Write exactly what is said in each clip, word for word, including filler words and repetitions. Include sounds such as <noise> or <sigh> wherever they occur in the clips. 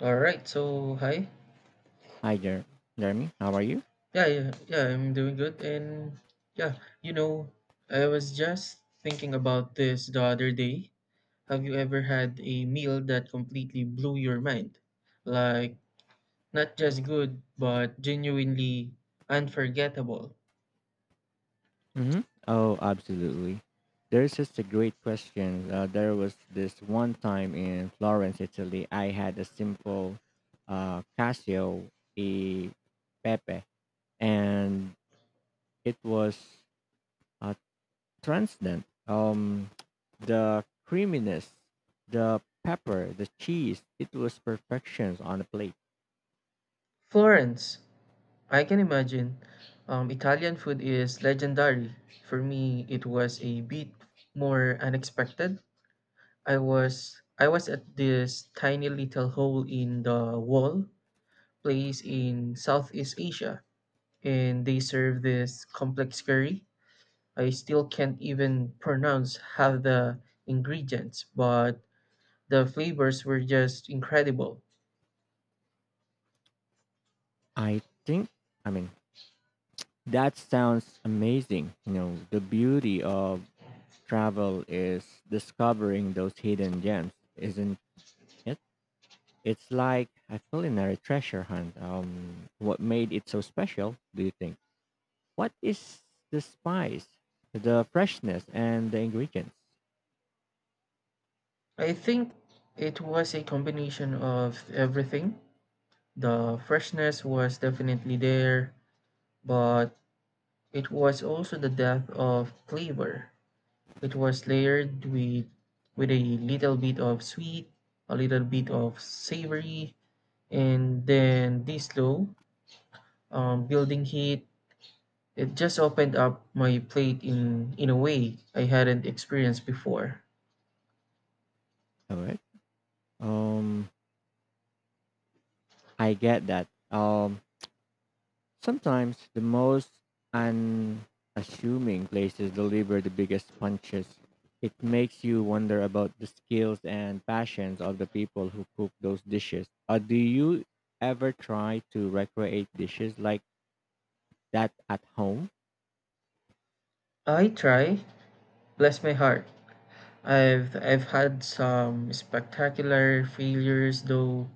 All right, so hi. Hi, Jer- Jeremy. How are you? Yeah, yeah, yeah, I'm doing good. And yeah, you know, I was just thinking about this the other day. Have you ever had a meal that completely blew your mind? Like, not just good, but genuinely unforgettable. hmm Oh, absolutely. There's just a great question. Uh, there was this one time in Florence, Italy. I had a simple uh, Casio e Pepe, and it was uh, transcendent. Um, the creaminess, the pepper, the cheese. It was perfection on a plate. Florence, I can imagine. Um, Italian food is legendary. For me, it was a bit more unexpected. I was I was at this tiny little hole in the wall place in Southeast Asia and they serve this complex curry. I still can't even pronounce half the ingredients, but the flavors were just incredible. I think. I mean, that sounds amazing. You know, the beauty of travel is discovering those hidden gems, isn't it? It's like a culinary treasure hunt. Um, what made it so special, do you think? What is the spice, the freshness, and the ingredients? I think it was a combination of everything. The freshness was definitely there, but it was also the depth of flavor. It was layered with with a little bit of sweet, a little bit of savory, and then this slow um, building heat. It just opened up my plate in in a way I hadn't experienced before. All right. Um, I get that. Um, Sometimes the most unassuming places deliver the biggest punches. It makes you wonder about the skills and passions of the people who cook those dishes. Uh, do you ever try to recreate dishes like that at home? I try, bless my heart. I've I've had some spectacular failures though.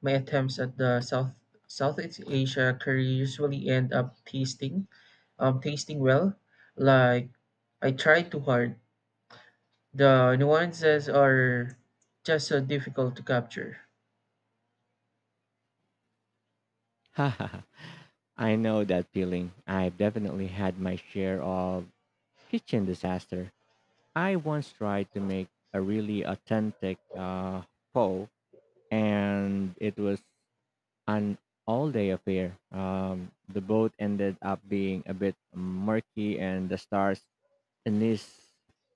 My attempts at the South Southeast Asia curry usually end up tasting, um, tasting well. Like I try too hard. The nuances are just so difficult to capture. <laughs> I know that feeling. I've definitely had my share of kitchen disaster. I once tried to make a really authentic uh, pho, and it was an all-day affair. Um, the boat ended up being a bit murky, and the star's anise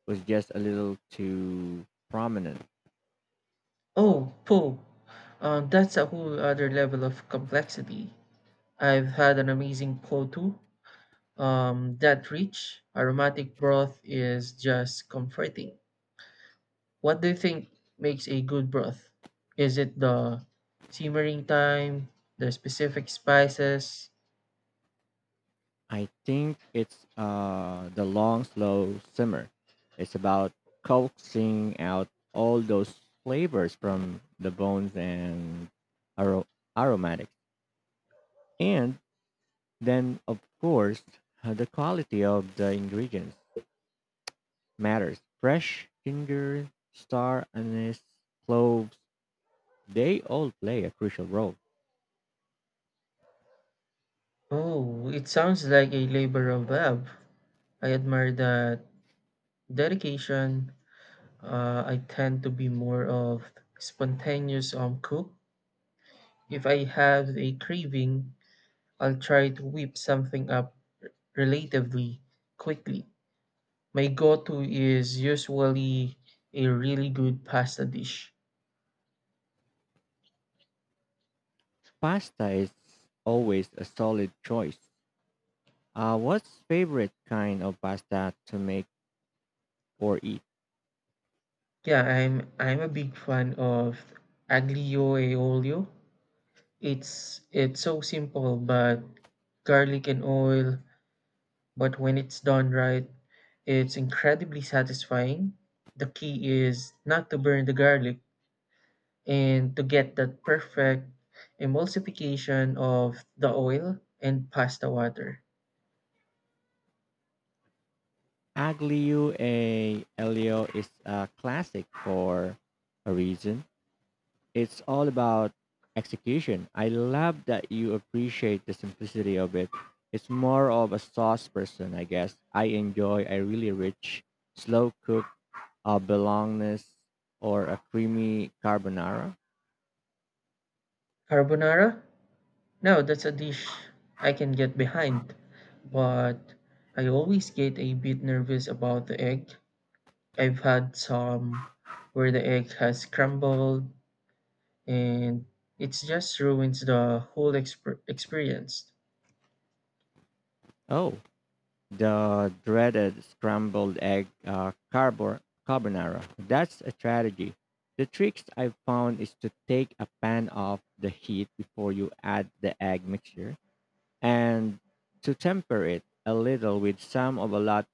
was just a little too prominent. Oh, po. Um, that's a whole other level of complexity. I've had an amazing po too. Um, that rich aromatic broth is just comforting. What do you think makes a good broth? Is it the simmering time, the specific spices? I think it's uh, the long, slow simmer. It's about coaxing out all those flavors from the bones and aro- aromatics, and then of course uh, the quality of the ingredients matters. Fresh ginger, star anise, cloves, they all play a crucial role. Oh, it sounds like a labor of love. I admire that dedication. Uh, I tend to be more of spontaneous um cook. If I have a craving, I'll try to whip something up relatively quickly. My go-to is usually a really good pasta dish. Pasta is always a solid choice. Uh, what's favorite kind of pasta to make or eat? Yeah, I'm I'm a big fan of aglio e olio. It's it's so simple, but garlic and oil, but when it's done right, it's incredibly satisfying. The key is not to burn the garlic and to get that perfect emulsification of the oil and pasta water. Aglio e olio is a classic for a reason. It's all about execution. I love that you appreciate the simplicity of it. It's more of a sauce person, I guess. I enjoy a really rich, slow cooked a bolognese or a creamy carbonara. Carbonara? No, that's a dish I can get behind, but I always get a bit nervous about the egg. I've had some where the egg has crumbled and it just ruins the whole exper- experience. Oh, the dreaded scrambled egg uh, carbor- carbonara. That's a strategy. The tricks I've found is to take a pan off the heat before you add the egg mixture and to temper it a little with some of a lot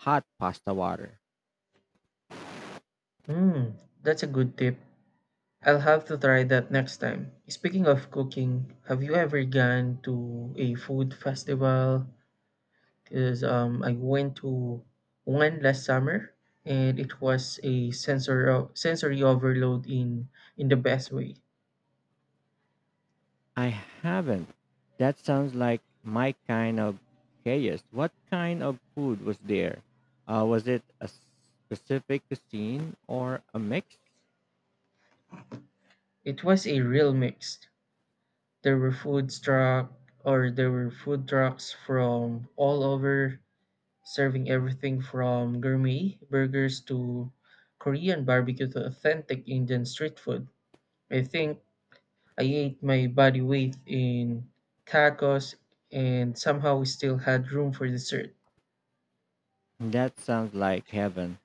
hot pasta water. Mm, that's a good tip. I'll have to try that next time. Speaking of cooking, have you ever gone to a food festival? Because um, I went to one last summer and it was a sensor sensory overload in in the best way. I haven't. That sounds like my kind of chaos. What kind of food was there? Uh, was it a specific cuisine or a mix? It was a real mix. There were food truck or there were food trucks from all over serving everything from gourmet burgers to Korean barbecue to authentic Indian street food. I think I ate my body weight in tacos and somehow we still had room for dessert. That sounds like heaven.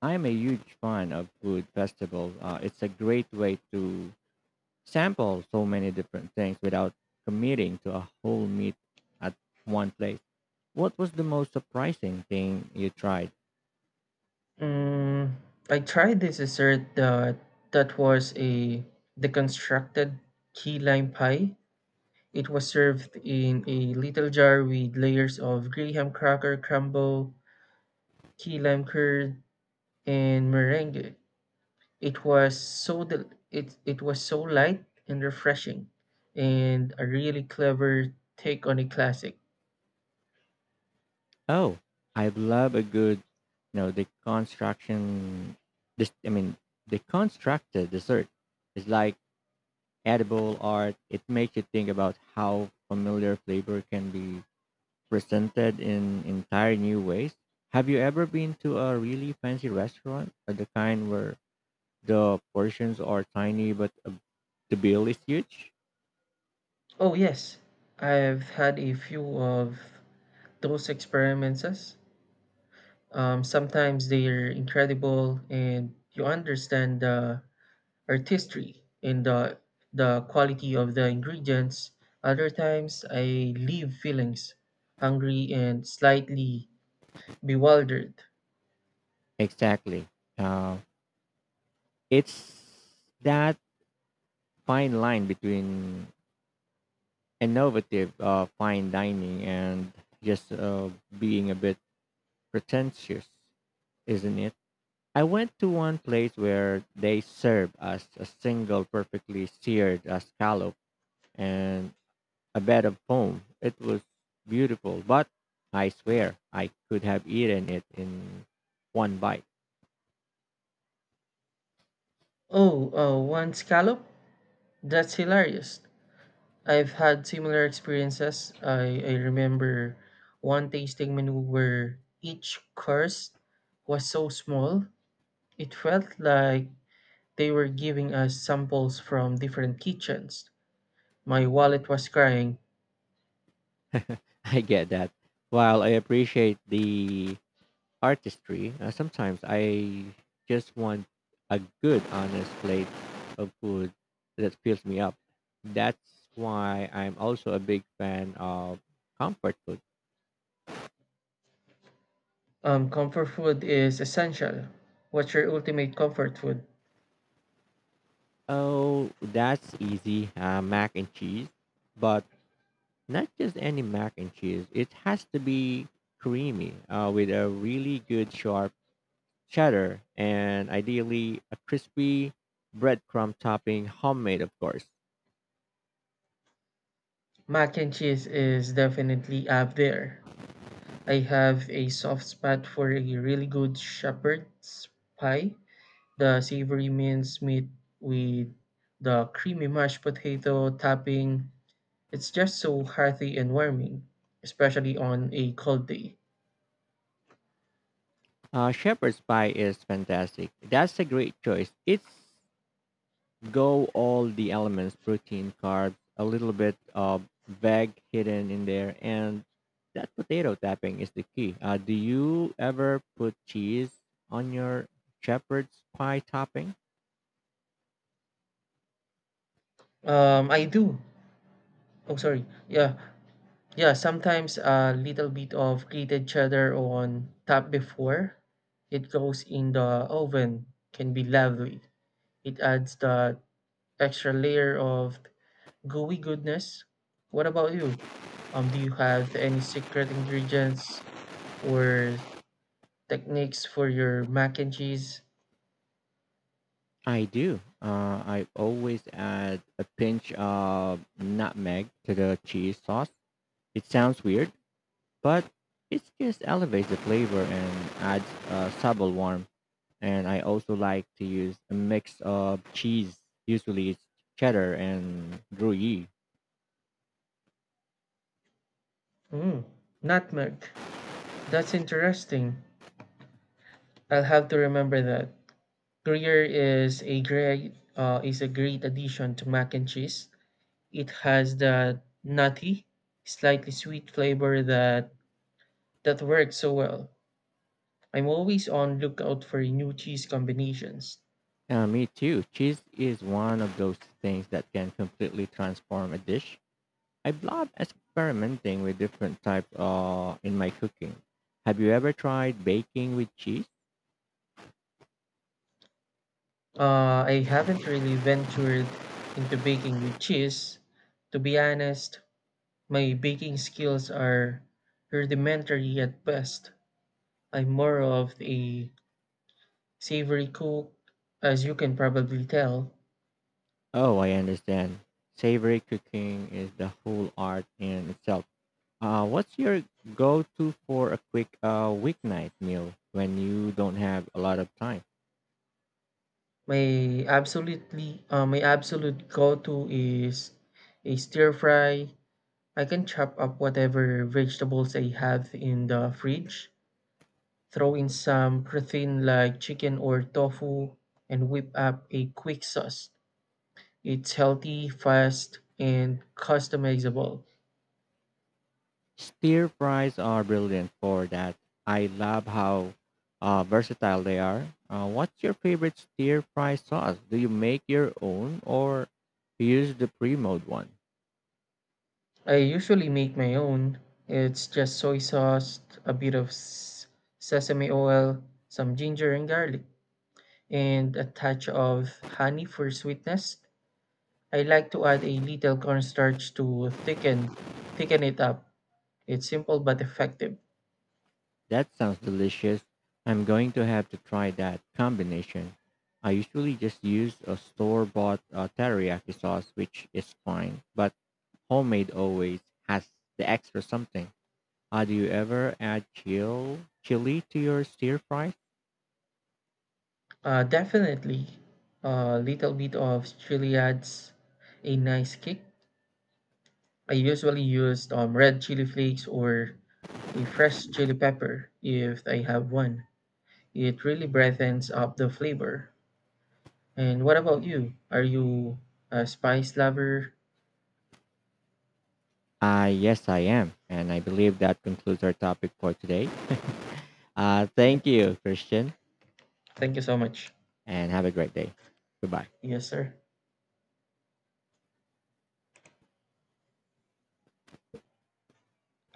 I'm a huge fan of food festivals. Uh, it's a great way to sample so many different things without committing to a whole meal at one place. What was the most surprising thing you tried? Mm, I tried this dessert that that was a deconstructed key lime pie. It was served in a little jar with layers of graham cracker crumble, key lime curd, and meringue. It was so del- it, it was so light and refreshing, and a really clever take on a classic. Oh, I love a good, you know, deconstruction. This, I mean, deconstructed dessert is like edible art. It makes you think about how familiar flavor can be presented in entire new ways. Have you ever been to a really fancy restaurant, of the kind where the portions are tiny but uh, the bill is huge? Oh yes, I've had a few of those experiences. Um, sometimes they're incredible, and you understand the artistry in the the quality of the ingredients. Other times I leave feelings hungry and slightly bewildered. Exactly. Uh, it's that fine line between innovative uh, fine dining and just uh, being a bit pretentious, isn't it? I went to one place where they serve us a single perfectly seared uh, scallop and a bed of foam. It was beautiful, but I swear I could have eaten it in one bite. Oh, uh, one scallop? That's hilarious. I've had similar experiences. I, I remember one tasting menu where each course was so small, it felt like they were giving us samples from different kitchens. My wallet was crying. <laughs> I get that. While I appreciate the artistry. Uh, sometimes I just want a good, honest plate of food that fills me up. That's why I'm also a big fan of comfort food. Um, comfort food is essential. What's your ultimate comfort food? Oh, that's easy. Uh, mac and cheese, but not just any mac and cheese. It has to be creamy uh, with a really good sharp cheddar and ideally a crispy breadcrumb topping, homemade, of course. Mac and cheese is definitely up there. I have a soft spot for a really good shepherd's pie, the savory minced meat with the creamy mashed potato topping. It's just so hearty and warming, especially on a cold day. Uh, shepherd's pie is fantastic. That's a great choice. It's go all the elements: protein, carbs, a little bit of veg hidden in there, and that potato topping is the key. Uh, do you ever put cheese on your shepherd's pie topping? Um, I do. Oh, sorry. Yeah, yeah, sometimes a little bit of grated cheddar on top before it goes in the oven can be lovely. It adds that extra layer of gooey goodness. What about you? Um, do you have any secret ingredients or techniques for your mac and cheese? I do. Uh, I always add a pinch of nutmeg to the cheese sauce. It sounds weird, but it just elevates the flavor and adds a subtle warmth, and I also like to use a mix of cheese. Usually it's cheddar and gruyere. Mm, nutmeg. That's interesting. I'll have to remember that. Gruyere is a great uh, is a great addition to mac and cheese. It has that nutty, slightly sweet flavor that that works so well. I'm always on lookout for new cheese combinations. Uh, me too. Cheese is one of those things that can completely transform a dish. I love experimenting with different types uh, in my cooking. Have you ever tried baking with cheese? Uh, I haven't really ventured into baking with cheese. To be honest, my baking skills are rudimentary at best. I'm more of a savory cook, as you can probably tell. Oh, I understand. Savory cooking is the whole art in itself. Uh, what's your go-to for a quick uh, weeknight meal when you don't have a lot of time? My absolutely, uh, my absolute go-to is a stir fry. I can chop up whatever vegetables I have in the fridge, throw in some protein like chicken or tofu, and whip up a quick sauce. It's healthy, fast, and customizable. Stir fries are brilliant for that. I love how uh, versatile they are. Uh, what's your favorite stir fry sauce? Do you make your own or use the pre-mode one? I usually make my own. It's just soy sauce, a bit of s- sesame oil, some ginger and garlic, and a touch of honey for sweetness. I like to add a little cornstarch to thicken thicken it up. It's simple but effective. That sounds delicious. I'm going to have to try that combination. I usually just use a store-bought uh, teriyaki sauce, which is fine, but homemade always has the extra something. Uh, do you ever add chill chili to your stir fry? Uh, definitely a little bit of chili adds a nice kick. I usually use um, red chili flakes or a fresh chili pepper if I have one. It really brightens up the flavor. And what about you? Are you a spice lover? Uh, yes, I am. And I believe that concludes our topic for today. <laughs> Uh, Yep. Thank you, Christian, Thank you so much. and have a great day. Goodbye. Yes, sir.